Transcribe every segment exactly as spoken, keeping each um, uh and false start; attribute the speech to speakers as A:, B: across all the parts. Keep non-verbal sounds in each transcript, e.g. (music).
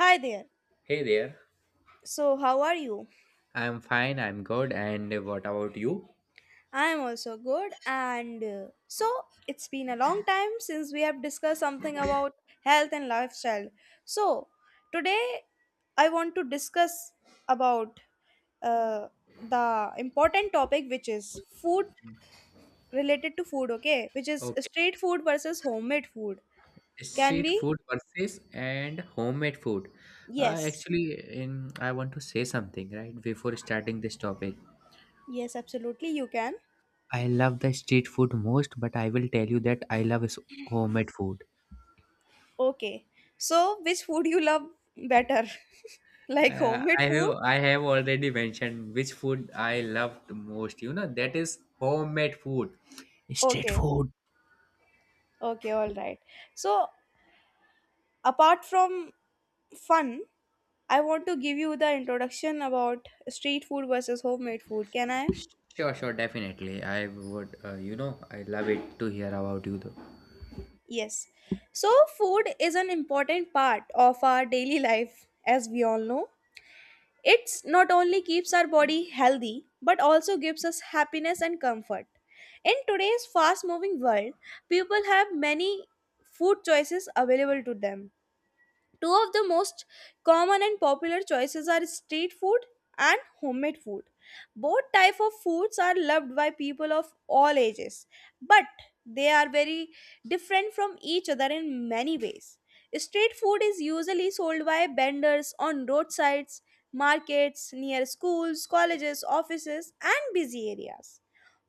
A: Hi there.
B: Hey there.
A: So, how are you?
B: I'm fine, I'm good, and what about you?
A: I am also good. And uh, so, it's been a long time since we have discussed something about health and lifestyle. So, today I want to discuss about uh, the important topic, which is food related to food, okay? Which is
B: Okay,
A: street food versus homemade food. Can
B: street
A: we?
B: food versus and homemade food. Uh,
A: Yes.
B: actually, in I want to say something right before starting this topic.
A: Yes, absolutely, you can.
B: I love the street food most, but I will tell you that I love is homemade food.
A: Okay. So, which food you love better? (laughs) Like
B: Uh, I
A: homemade
B: have
A: food.
B: I have already mentioned which food I love the most. You know that is homemade food, street
A: Okay,
B: food.
A: okay, all right. So, apart from fun, I want to give you the introduction about street food versus homemade food. Can I?
B: Sure, sure, definitely. I would, uh, you know, I love it to hear about you though.
A: Yes. So, food is an important part of our daily life, as we all know. It's not only keeps our body healthy, but also gives us happiness and comfort. In today's fast moving world, people have many food choices available to them. Two of the most common and popular choices are street food and homemade food. Both type of foods are loved by people of all ages, but they are very different from each other in many ways. Street food is usually sold by vendors on roadsides, markets, near schools, colleges, offices, and busy areas.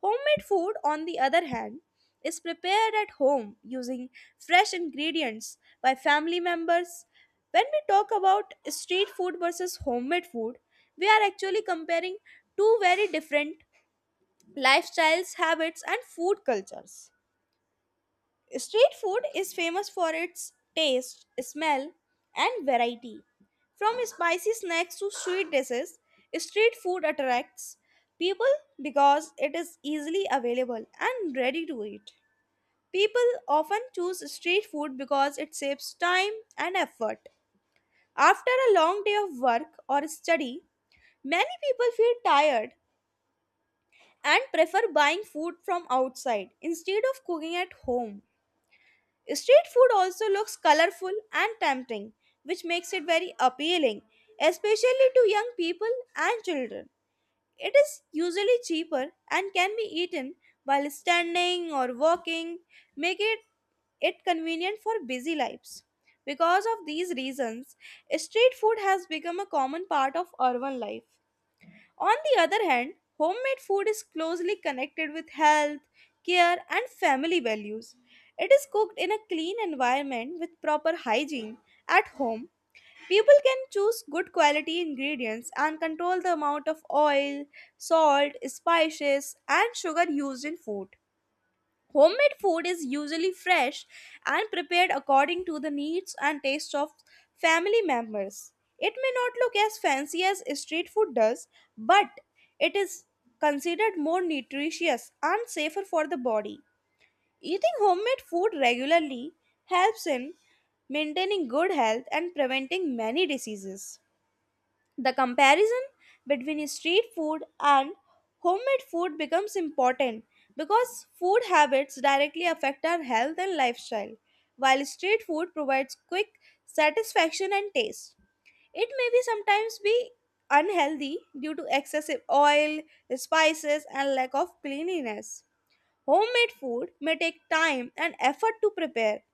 A: Homemade food, on the other hand, is prepared at home using fresh ingredients by family members. When we talk about street food versus homemade food, we are actually comparing two very different lifestyles, habits, and food cultures. Street food is famous for its taste, smell, and variety. From spicy snacks to sweet dishes, street food attracts people because it is easily available and ready to eat. People often choose street food because it saves time and effort. After a long day of work or study, many people feel tired and prefer buying food from outside instead of cooking at home. Street food also looks colorful and tempting, which makes it very appealing, especially to young people and children. It is usually cheaper and can be eaten while standing or walking, make it, it convenient for busy lives. Because of these reasons, street food has become a common part of urban life. On the other hand, homemade food is closely connected with health, care, and family values. It is cooked in a clean environment with proper hygiene. At home, people can choose good quality ingredients and control the amount of oil, salt, spices, and sugar used in food. Homemade food is usually fresh and prepared according to the needs and tastes of family members. It may not look as fancy as street food does, but it is considered more nutritious and safer for the body. Eating homemade food regularly helps in maintaining good health and preventing many diseases. The comparison between street food and homemade food becomes important because food habits directly affect our health and lifestyle, while street food provides quick satisfaction and taste. It may be sometimes be unhealthy due to excessive oil, spices, and lack of cleanliness. Homemade food may take time and effort to prepare,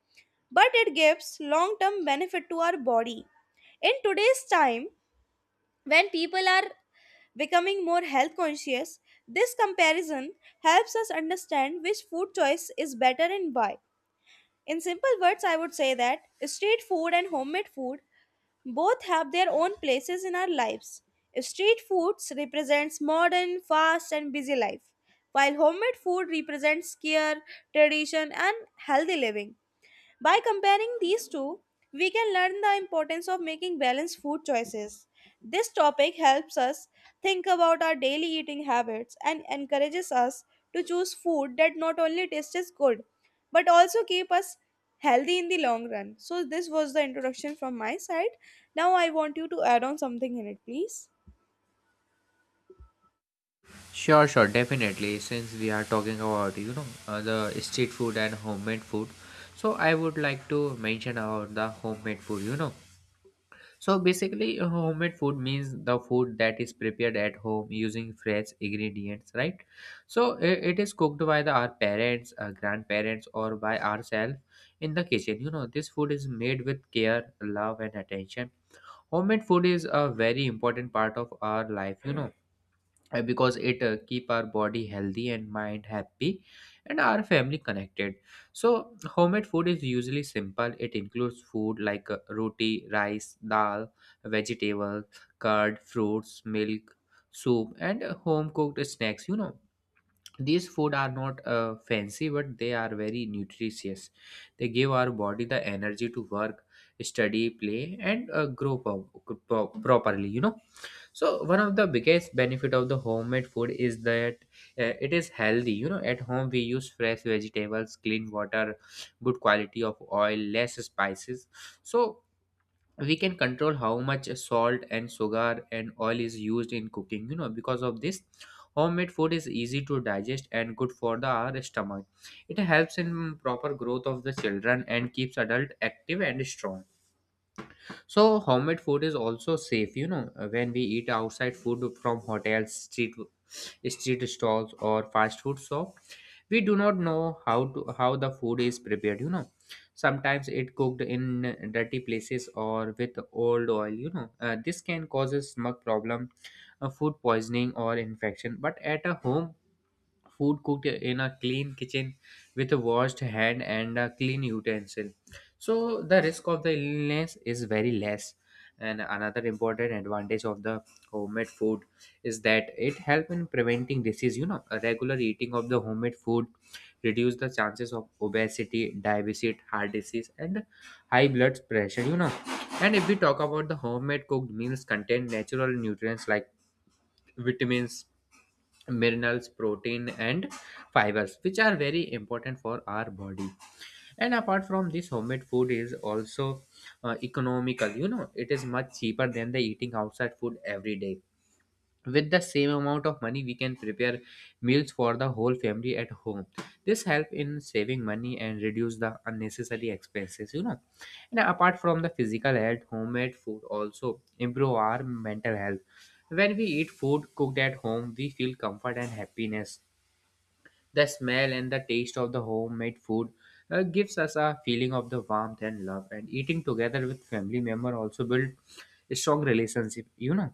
A: but it gives long term benefit to our body. In today's time, when people are becoming more health conscious, this comparison helps us understand which food choice is better and why. In simple words, I would say that street food and homemade food both have their own places in our lives. Street foods represents modern, fast and busy life, while homemade food represents care, tradition and healthy living. By comparing these two, we can learn the importance of making balanced food choices. This topic helps us think about our daily eating habits and encourages us to choose food that not only tastes good but also keep us healthy in the long run. So this was the introduction from my side. Now I want you to add on something in it, please.
B: Sure, sure, definitely. Since we are talking about, you know, uh, the street food and homemade food, so I would like to mention about the homemade food, you know. So basically, uh, homemade food means the food that is prepared at home using fresh ingredients, right? So i- it is cooked by the, our parents, uh, grandparents, or by ourselves in the kitchen. You know, this food is made with care, love, and attention. Homemade food is a very important part of our life, you know uh, because it uh, keep our body healthy and mind happy and our family connected. So homemade food is usually simple. It includes food like uh, roti, rice, dal, vegetable, curd, fruits, milk, soup, and uh, home cooked snacks, you know. These food are not uh, fancy, but they are very nutritious. They give our body the energy to work, study, play, and uh, grow pro- pro- properly, you know. So one of the biggest benefit of the homemade food is that uh, it is healthy. You know, at home we use fresh vegetables, clean water, good quality of oil, less spices. So we can control how much salt and sugar and oil is used in cooking. You know, because of this, homemade food is easy to digest and good for the our stomach. It helps in proper growth of the children and keeps adult active and strong. So homemade food is also safe, you know, uh, when we eat outside food from hotels, street street stalls or fast food shop, we do not know how to how the food is prepared, you know. Sometimes it cooked in dirty places or with old oil, you know. Uh, this can cause a stomach problem, uh, food poisoning or infection. But at a home food cooked in a clean kitchen with a washed hand and a clean utensil, so the risk of the illness is very less. And another important advantage of the homemade food is that it helps in preventing disease, you know. A regular eating of the homemade food reduce the chances of obesity, diabetes, heart disease, and high blood pressure, you know. And if we talk about the homemade cooked meals, contain natural nutrients like vitamins, minerals, protein, and fibers, which are very important for our body. And apart from this, homemade food is also uh, economical, you know. It is much cheaper than the eating outside food every day. With the same amount of money, we can prepare meals for the whole family at home. This help in saving money and reduce the unnecessary expenses, you know. And apart from the physical health, homemade food also improve our mental health. When we eat food cooked at home, we feel comfort and happiness. The smell and the taste of the homemade food uh, gives us a feeling of the warmth and love, and eating together with family member also build a strong relationship, you know,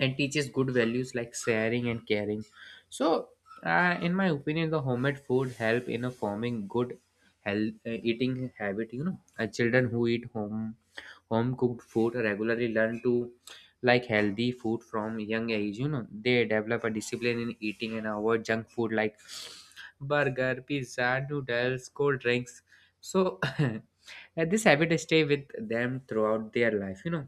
B: and teaches good values like sharing and caring. So uh, in my opinion, the homemade food help in a forming good health uh, eating habit, you know. Uh, children who eat home home cooked food regularly learn to like healthy food from young age, you know. They develop a discipline in eating and avoid junk food like burger, pizza, noodles, cold drinks. So (laughs) uh, this habit stay with them throughout their life, you know.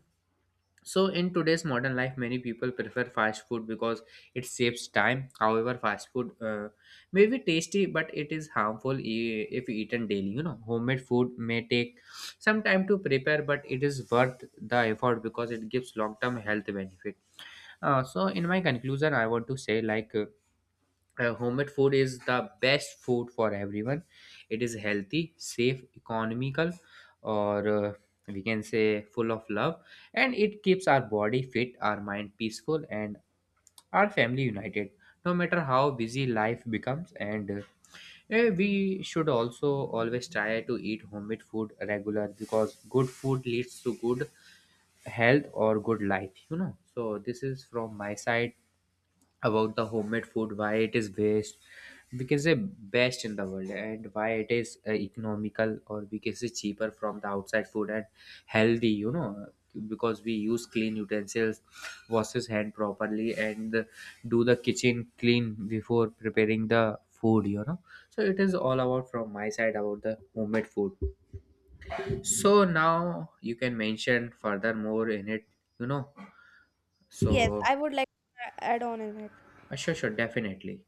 B: So, in today's modern life, many people prefer fast food because it saves time. However, fast food uh, may be tasty, but it is harmful e- if eaten daily. You know, homemade food may take some time to prepare, but it is worth the effort because it gives long term health benefit. Uh, so, in my conclusion, I want to say like. uh, uh, homemade food is the best food for everyone. It is healthy, safe, economical, or uh, we can say full of love. And it keeps our body fit, our mind peaceful, and our family united, no matter how busy life becomes. And uh, eh, we should also always try to eat homemade food regular, because good food leads to good health or good life, you know. So this is from my side about the homemade food, why it is best, we can say best in the world, and why it is uh, economical, or we can say cheaper from the outside food, and healthy, you know, because we use clean utensils, washes hand properly, and the- do the kitchen clean before preparing the food, you know. So it is all about from my side about the homemade food. So now you can mention further more in it, you know.
A: Yes,
B: So
A: I would like to add on in it.
B: uh, sure, sure, definitely.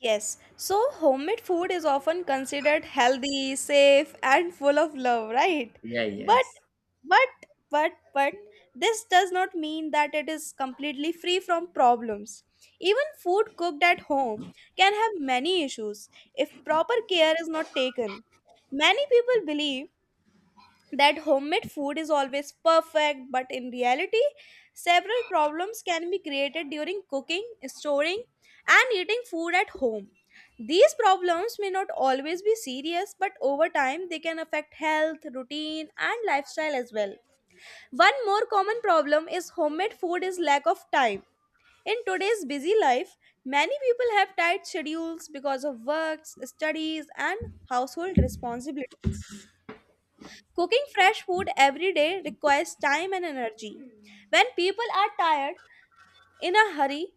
A: Yes, so homemade food is often considered healthy, safe, and full of love, right?
B: Yeah,
A: But,
B: yes.
A: but, but, but, this does not mean that it is completely free from problems. Even food cooked at home can have many issues if proper care is not taken. Many people believe that homemade food is always perfect, but in reality, several problems can be created during cooking, storing, and eating food at home. These problems may not always be serious, but over time, they can affect health, routine, and lifestyle as well. One more common problem is homemade food is lack of time. In today's busy life, many people have tight schedules because of works, studies, and household responsibilities. Cooking fresh food every day requires time and energy. When people are tired, in a hurry,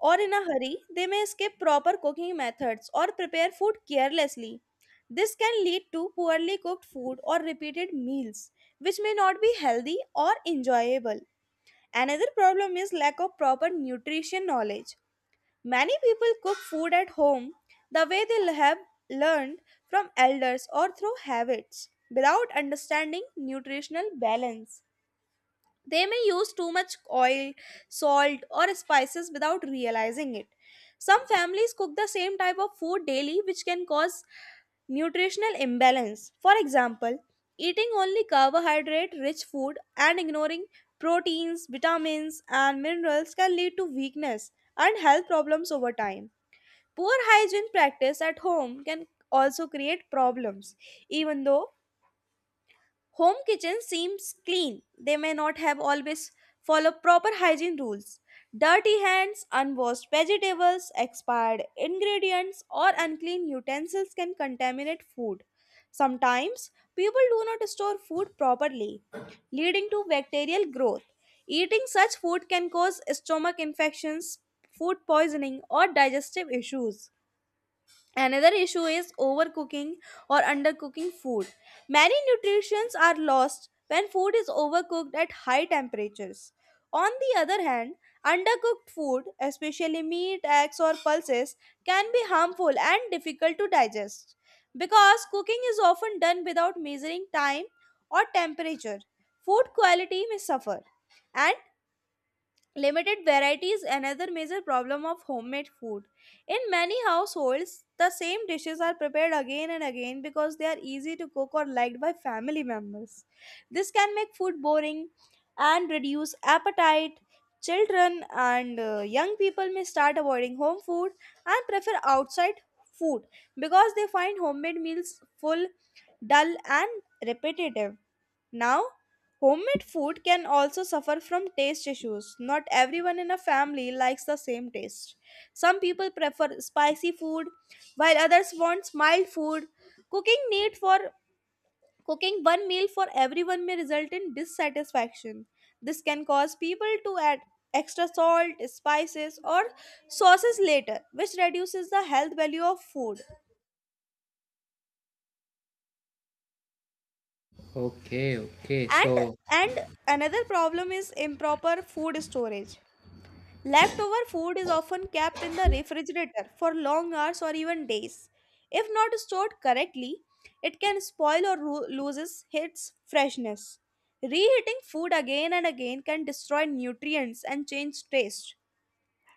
A: or in a hurry, they may skip proper cooking methods or prepare food carelessly. This can lead to poorly cooked food or repeated meals, which may not be healthy or enjoyable. Another problem is lack of proper nutrition knowledge. Many people cook food at home the way they have learned from elders or through habits without understanding nutritional balance. They may use too much oil, salt, or spices without realizing it. Some families cook the same type of food daily, which can cause nutritional imbalance. For example, eating only carbohydrate rich food and ignoring proteins, vitamins, and minerals can lead to weakness and health problems over time. Poor hygiene practice at home can also create problems, even though home kitchens seems clean. They may not have always follow proper hygiene rules. Dirty hands, unwashed vegetables, expired ingredients or unclean utensils can contaminate food. Sometimes people do not store food properly, leading to bacterial growth. Eating such food can cause stomach infections, food poisoning or digestive issues. Another issue is overcooking or undercooking food. Many nutrients are lost when food is overcooked at high temperatures. On the other hand, undercooked food, especially meat, eggs, or pulses, can be harmful and difficult to digest because cooking is often done without measuring time or temperature. Food quality may suffer, and limited variety is another major problem of homemade food. In many households, the same dishes are prepared again and again because they are easy to cook or liked by family members. This can make food boring and reduce appetite. Children and uh, young people may start avoiding home food and prefer outside food because they find homemade meals full, dull, and repetitive. Now, homemade food can also suffer from taste issues. Not everyone in a family likes the same taste. Some people prefer spicy food, while others want mild food. Cooking need for Cooking one meal for everyone may result in dissatisfaction. This can cause people to add extra salt, spices, or sauces later, which reduces the health value of food.
B: Okay, okay.
A: And
B: So,
A: and another problem is improper food storage. Leftover food is often kept in the refrigerator for long hours or even days. If not stored correctly, it can spoil or ro- loses its freshness. Reheating food again and again can destroy nutrients and change taste.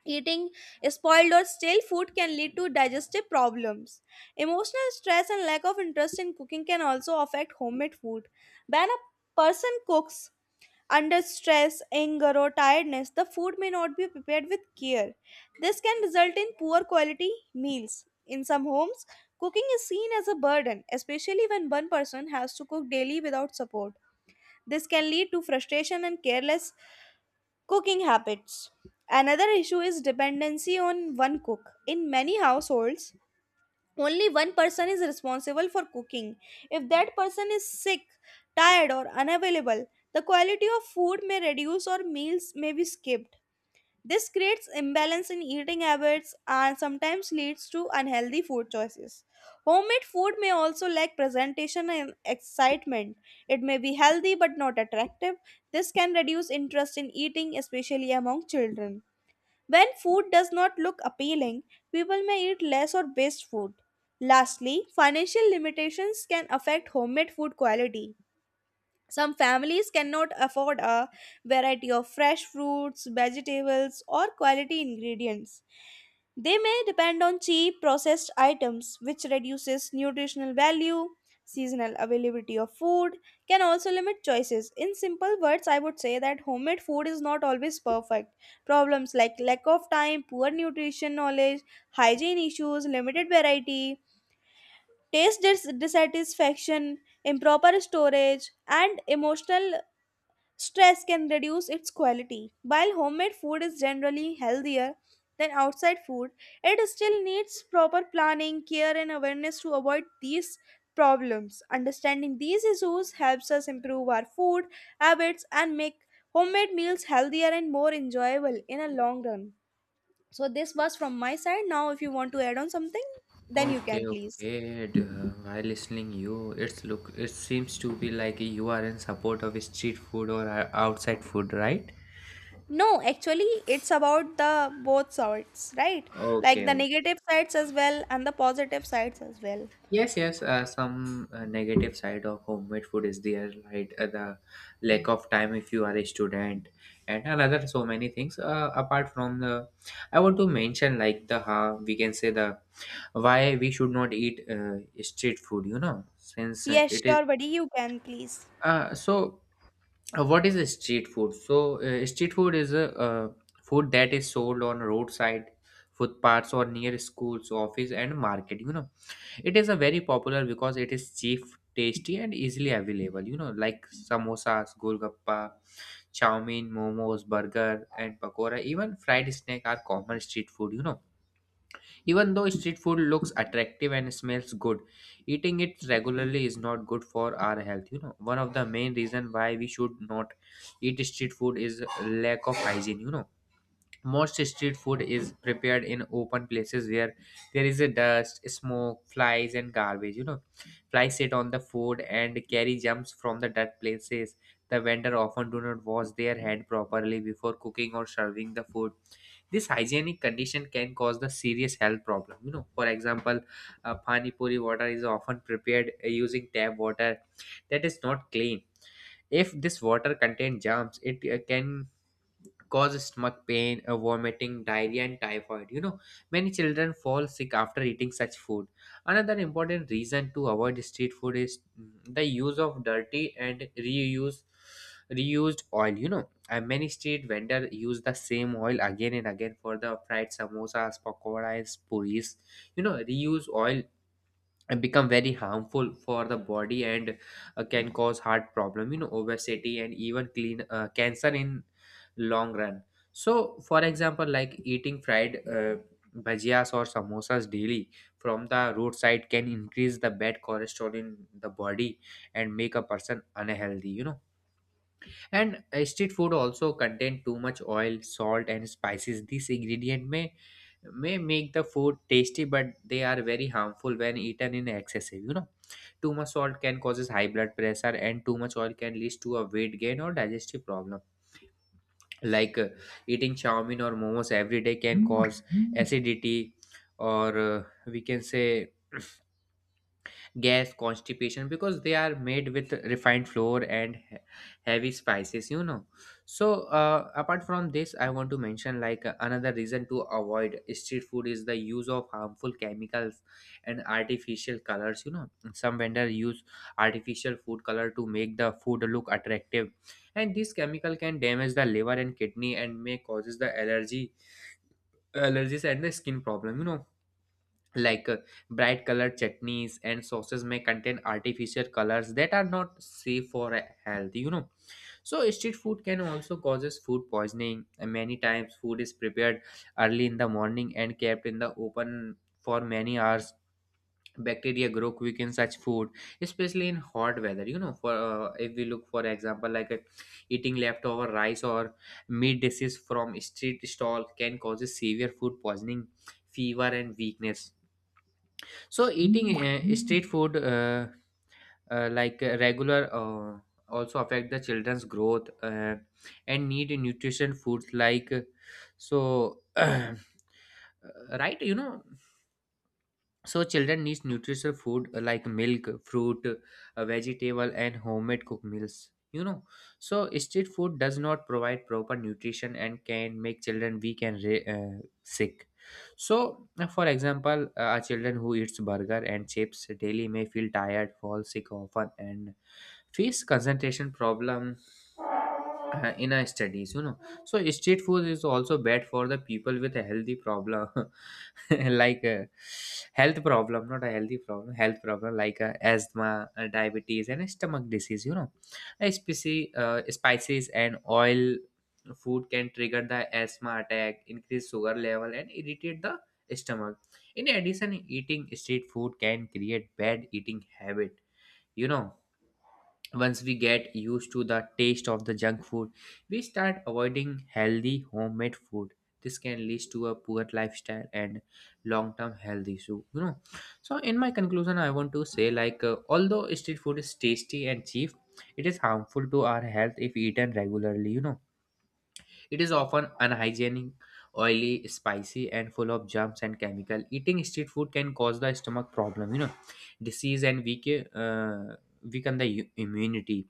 A: Eating spoiled or stale food can lead to digestive problems. Emotional stress and lack of interest in cooking can also affect homemade food. When a person cooks under stress, anger, or tiredness, the food may not be prepared with care. This can result in poor quality meals. In some homes, cooking is seen as a burden, especially when one person has to cook daily without support. This can lead to frustration and careless cooking habits. Another issue is dependency on one cook. In many households, only one person is responsible for cooking. If that person is sick, tired, or unavailable, the quality of food may reduce or meals may be skipped. This creates imbalance in eating habits and sometimes leads to unhealthy food choices. Homemade food may also lack presentation and excitement. It may be healthy but not attractive. This can reduce interest in eating, especially among children. When food does not look appealing, people may eat less or waste food. Lastly, financial limitations can affect homemade food quality. Some families cannot afford a variety of fresh fruits, vegetables, or quality ingredients. They may depend on cheap processed items, which reduces nutritional value. Seasonal availability of food can also limit choices. In simple words, I would say that homemade food is not always perfect. Problems like lack of time, poor nutrition knowledge, hygiene issues, limited variety, taste dis- dissatisfaction, improper storage, and emotional stress can reduce its quality. While homemade food is generally healthier than outside food, it still needs proper planning, care, and awareness to avoid these problems. Understanding these issues helps us improve our food habits and make homemade meals healthier and more enjoyable in a long run. So, this was from my side. Now, if you want to add on something, then you
B: okay,
A: can please.
B: okay. d- uh, While listening you, it's look. It seems to be like you are in support of street food or uh, outside food, right?
A: No, actually, it's about the both sides, right? Like
B: Okay,
A: the
B: okay.
A: negative sides as well and the positive sides as well.
B: Yes, yes. Uh, some uh, negative side of homemade food is there, right? Uh, the lack of time if you are a student, and another so many things. Uh, apart from the, I want to mention like the uh, we can say the why we should not eat uh, street food. You know, since uh,
A: Yes,
B: it is.
A: sure, buddy, you can please.
B: Uh, so, uh, what is a street food? So, uh, street food is a uh, food that is sold on roadside footpaths or near schools, office, and market. You know, it is a very popular because it is cheap, tasty, and easily available. You know, like samosas, golgappa, chow mein, momos, burger, and pakora. Even fried snack are common street food. You know, even though street food looks attractive and smells good, eating it regularly is not good for our health. You know, one of the main reason why we should not eat street food is lack of hygiene. You know, most street food is prepared in open places where there is a dust, smoke, flies, and garbage. You know, flies sit on the food and carry germs from the dirt places. The vendor often do not wash their hand properly before cooking or serving the food. This hygienic condition can cause the serious health problem, you know. For example, uh, pani puri water is often prepared uh, using tap water that is not clean. If this water contains germs, it uh, can cause stomach pain, uh, vomiting, diarrhea, and typhoid. You know, many children fall sick after eating such food. Another important reason to avoid street food is mm, the use of dirty and reuse reused oil. You know, and many street vendors use the same oil again and again for the fried samosas, pakoras, puris. You know, reuse oil and become very harmful for the body, and uh, can cause heart problem, you know, obesity, and even clean uh, cancer in long run. So for example, like eating fried uh, bhajias or samosas daily from the roadside can increase the bad cholesterol in the body and make a person unhealthy, you know. And uh, street food also contain too much oil, salt, and spices. This ingredient may may make the food tasty, but they are very harmful when eaten in excessive, you know. Too much salt can causes high blood pressure, and too much oil can lead to a weight gain or digestive problem. Like uh, eating chowmin or momos every day can cause acidity, or uh, we can say gas constipation, because they are made with refined flour and he- heavy spices, you know. So uh, apart from this, I want to mention like uh, another reason to avoid street food is the use of harmful chemicals and artificial colors, you know. Some vendors use artificial food color to make the food look attractive, and this chemical can damage the liver and kidney, and may causes the allergy allergies and the skin problem, you know. Like uh, bright colored chutneys and sauces may contain artificial colors that are not safe for uh, health, you know. So street food can also causes food poisoning, and many times food is prepared early in the morning and kept in the open for many hours. Bacteria grow quick in such food, especially in hot weather, you know. For uh, if we look for example, like uh, eating leftover rice or meat dishes from street stall can causes severe food poisoning, fever, and weakness. So eating uh, street food uh, uh, like uh, regular uh, also affect the children's growth uh, and need nutrition foods like uh, so (clears throat) uh, right you know So children need nutritious food, uh, like milk, fruit, uh, vegetable, and homemade cooked meals, you know. So street food does not provide proper nutrition and can make children weak and re- uh, sick. So uh, for example, uh, a children who eats burger and chips daily may feel tired, fall sick often, and face concentration problem, uh, in our studies, you know. So street food is also bad for the people with a healthy problem. (laughs) (laughs) Like a health problem, not a healthy problem. Health problem like a asthma, a diabetes, and a stomach disease, you know. A spicy, uh, spices and oil food can trigger the asthma attack, increase sugar level, and irritate the stomach. In addition, eating street food can create bad eating habit, you know. Once we get used to the taste of the junk food, we start avoiding healthy homemade food. This can lead to a poor lifestyle and long-term health issue, you know. So in my conclusion, I want to say, like, uh, although street food is tasty and cheap, it is harmful to our health if eaten regularly. You know, it is often unhygienic, oily, spicy, and full of germs and chemical. Eating street food can cause the stomach problem. You know, disease and weak, uh, weaken the u- immunity.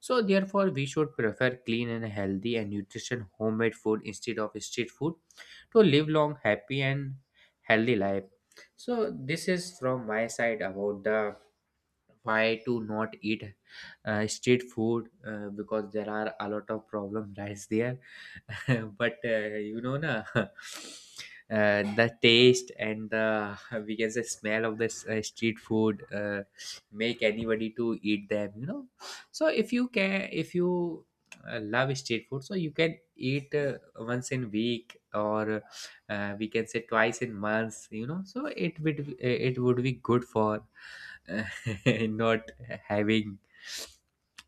B: So therefore, we should prefer clean and healthy and nutrition homemade food instead of street food to live long, happy, and healthy life. So this is from my side about the why to not eat uh, street food, uh, because there are a lot of problem (laughs) lies there. (laughs) But uh, you know na, (laughs) uh, the taste and the (laughs) we can say smell of this uh, street food, uh, make anybody to eat them, you know. So if you can, if you uh, love street food, so you can eat, uh, once in week or, uh, we can say twice in months, you know. So it would it would be good for uh, (laughs) not having,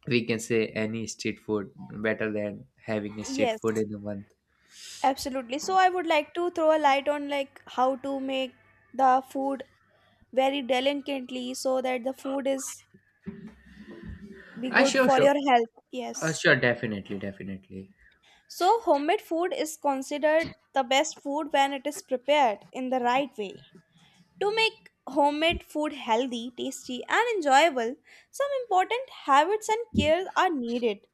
B: we can say, any street food, better than having a street food
A: Yes,
B: in a month.
A: absolutely. So I would like to throw a light on like how to make the food very delicately so that the food is be
B: Ah,
A: good
B: sure,
A: for
B: sure.
A: your health.
B: Uh,
A: Yes.
B: sure, definitely, definitely.
A: So homemade food is considered the best food when it is prepared in the right way. To make homemade food healthy, tasty, and enjoyable, some important habits and cares are needed.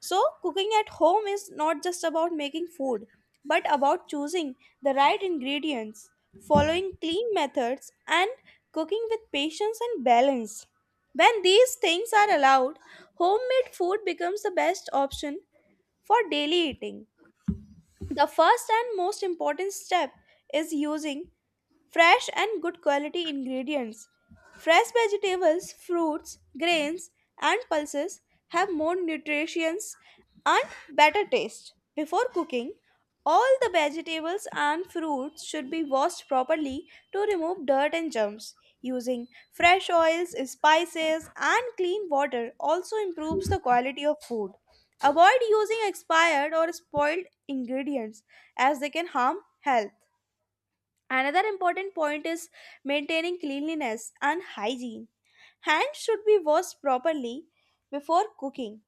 A: So, cooking at home is not just about making food, but about choosing the right ingredients, following clean methods, and cooking with patience and balance. When these things are allowed, homemade food becomes the best option for daily eating. The first and most important step is using fresh and good quality ingredients. Fresh vegetables, fruits, grains, and pulses have more nutrition and better taste. Before cooking, all the vegetables and fruits should be washed properly to remove dirt and germs. Using fresh oils, spices, and clean water also improves the quality of food. Avoid using expired or spoiled ingredients as they can harm health. Another important point is maintaining cleanliness and hygiene. Hands should be washed properly before cooking.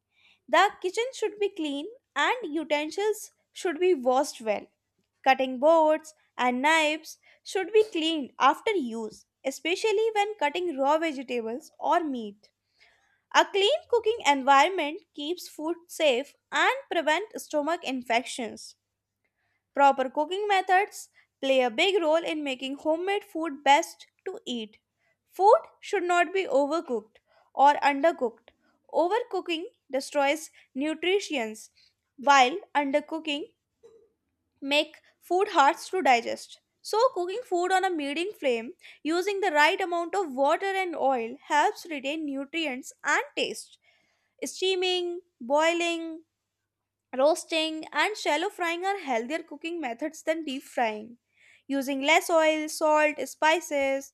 A: The kitchen should be clean and utensils should be washed well. Cutting boards and knives should be cleaned after use, especially when cutting raw vegetables or meat. A clean cooking environment keeps food safe and prevents stomach infections. Proper cooking methods play a big role in making homemade food best to eat. Food should not be overcooked or undercooked. Overcooking destroys nutrition, while undercooking make food hard to digest. So cooking food on a medium flame using the right amount of water and oil helps retain nutrients and taste. Steaming, boiling, roasting and shallow frying are healthier cooking methods than deep frying. Using less oil, salt, spices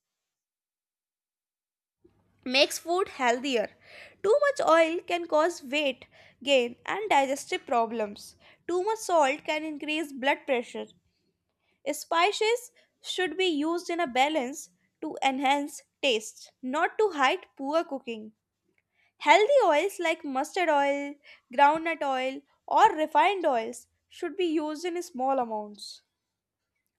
A: makes food healthier. Too much oil can cause weight gain and digestive problems. Too much salt can increase blood pressure. Spices should be used in a balance to enhance taste, not to hide poor cooking. Healthy oils like mustard oil, groundnut oil, or refined oils should be used in small amounts.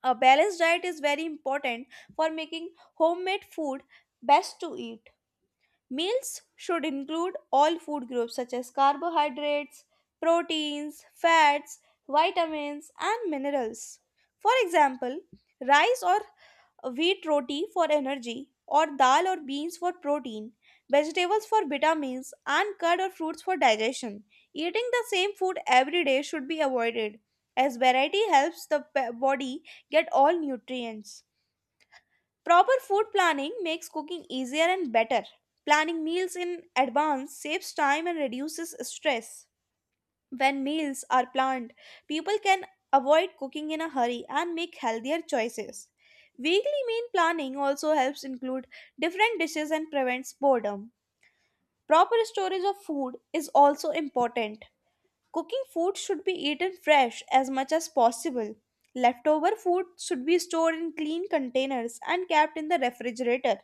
A: A balanced diet is very important for making homemade food best to eat. Meals should include all food groups such as carbohydrates, proteins, fats, vitamins, and minerals. For example, rice or wheat roti for energy, or dal or beans for protein, vegetables for vitamins, and curd or fruits for digestion. Eating the same food every day should be avoided, as variety helps the pe- body get all nutrients. Proper food planning makes cooking easier and better. Planning meals in advance saves time and reduces stress. When meals are planned, people can avoid cooking in a hurry and make healthier choices. Weekly meal planning also helps include different dishes and prevents boredom. Proper storage of food is also important. Cooking food should be eaten fresh as much as possible. Leftover food should be stored in clean containers and kept in the refrigerator.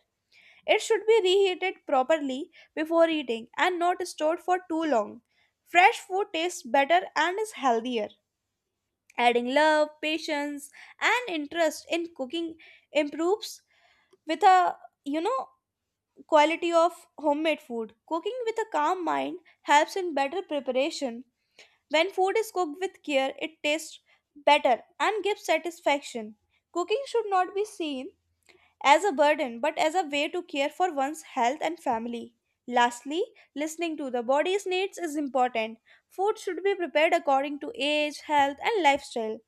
A: It should be reheated properly before eating and not stored for too long. Fresh food tastes better and is healthier. Adding love, patience, and interest in cooking improves with a you know quality of homemade food. Cooking with a calm mind helps in better preparation. When food is cooked with care, it tastes better and gives satisfaction. Cooking should not be seen as a burden, but as a way to care for one's health and family. Lastly, listening to the body's needs is important. Food should be prepared according to age, health, and lifestyle.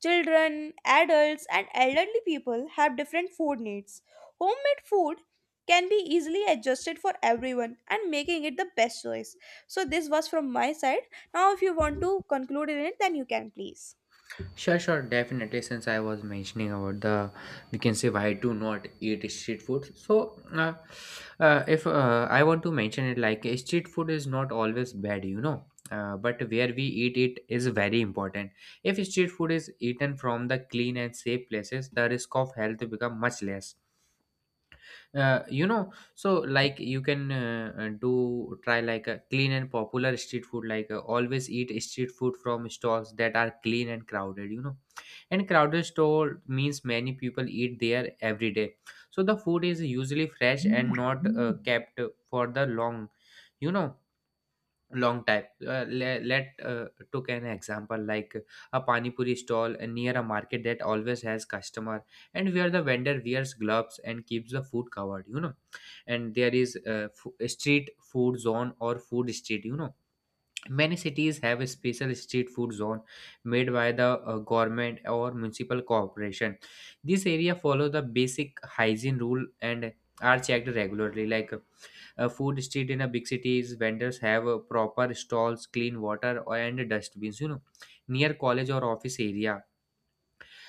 A: Children, adults, and elderly people have different food needs. Homemade food can be easily adjusted for everyone and making it the best choice. So, this was from my side. Now, if you want to conclude in it, then you can please.
B: Sure, sure, definitely. Since I was mentioning about the, we can say, why do not eat street food. So, uh, uh, if uh, I want to mention it, like, uh, street food is not always bad, you know. Uh, but where we eat it is very important. If street food is eaten from the clean and safe places, the risk of health become much less. uh, you know, so like you can, uh, uh, do try like a clean and popular street food, like, uh, always eat street food from stalls that are clean and crowded, you know. And crowded store means many people eat there every day, so the food is usually fresh and not uh, kept for the long, you know, long time. Uh, le- let uh, Took an example like a pani puri stall near a market that always has customer, and where the vendor wears gloves and keeps the food covered, you know. And there is a, f- a street food zone or food street, you know. Many cities have a special street food zone made by the uh, government or municipal corporation. This area follow the basic hygiene rule and are checked regularly, like a food street in a big cities, vendors have uh, proper stalls, clean water, and dustbins. You know, near college or office area.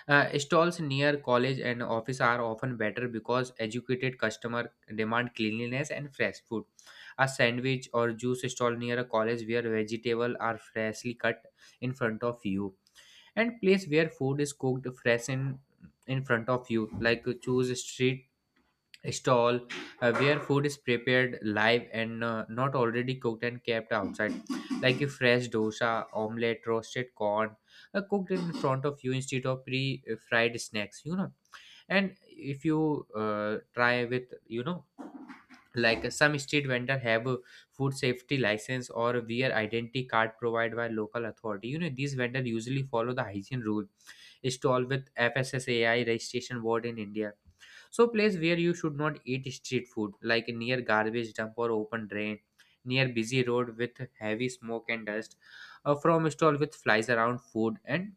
B: Uh, stalls near college and office are often better because educated customer demand cleanliness and fresh food. A sandwich or juice stall near a college where vegetables are freshly cut in front of you, and place where food is cooked fresh in in front of you. Like, uh, choose a street stall uh, where food is prepared live and uh, not already cooked and kept outside, like a fresh dosa, omelette, roasted corn, uh, cooked in front of you instead of pre fried snacks, you know. And if you, uh, try with, you know, like, uh, some street vendor have a food safety license or wear identity card provided by local authority, you know. These vendor usually follow the hygiene rule, stall with FSSAI registration board in India. So place where you should not eat street food, like near garbage dump or open drain, near busy road with heavy smoke and dust, uh, from stall with flies around food, and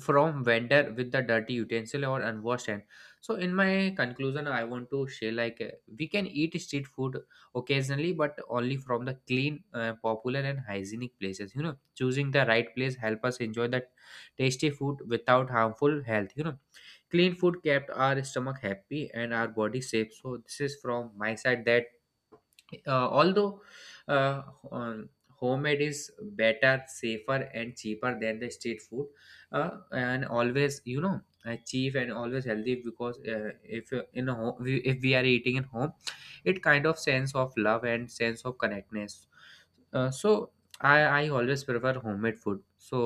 B: from vendor with the dirty utensil or unwashed hand. So in my conclusion, I want to share, like, uh, we can eat street food occasionally, but only from the clean, uh, popular, and hygienic places. You know, choosing the right place help us enjoy that tasty food without harmful health. You know, clean food kept our stomach happy and our body safe. So this is from my side that uh, although uh, um, homemade is better, safer, and cheaper than the street food, uh, and always, you know, uh, cheap and always healthy. Because uh, if uh, in a home, we, if we are eating at home, it kind of sense of love and sense of connectedness. Uh, so i i always prefer homemade food. So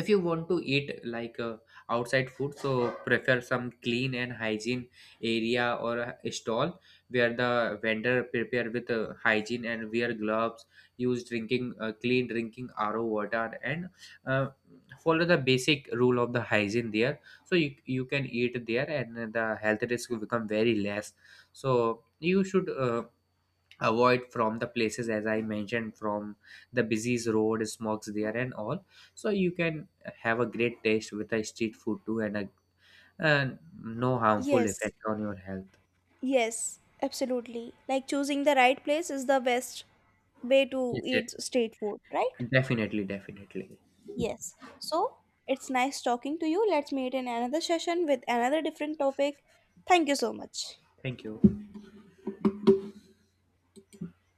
B: if you want to eat, like, uh, outside food, so prefer some clean and hygiene area or a stall where the vendor prepare with uh, hygiene and wear gloves, use drinking, uh, clean drinking ro water, and uh, follow the basic rule of the hygiene there. So you, you can eat there and the health risk will become very less. So you should uh, avoid from the places, as I mentioned, from the busy road, smokes there and all. So you can have a great taste with a street food too, and a, and no harmful
A: Yes,
B: effect on your health.
A: yes, absolutely. Like choosing the right place is the best way to
B: Yes, yes.
A: eat street food, right?
B: Definitely, definitely.
A: Yes. So it's nice talking to you. Let's meet in another session with another different topic. Thank you so much.
B: Thank you.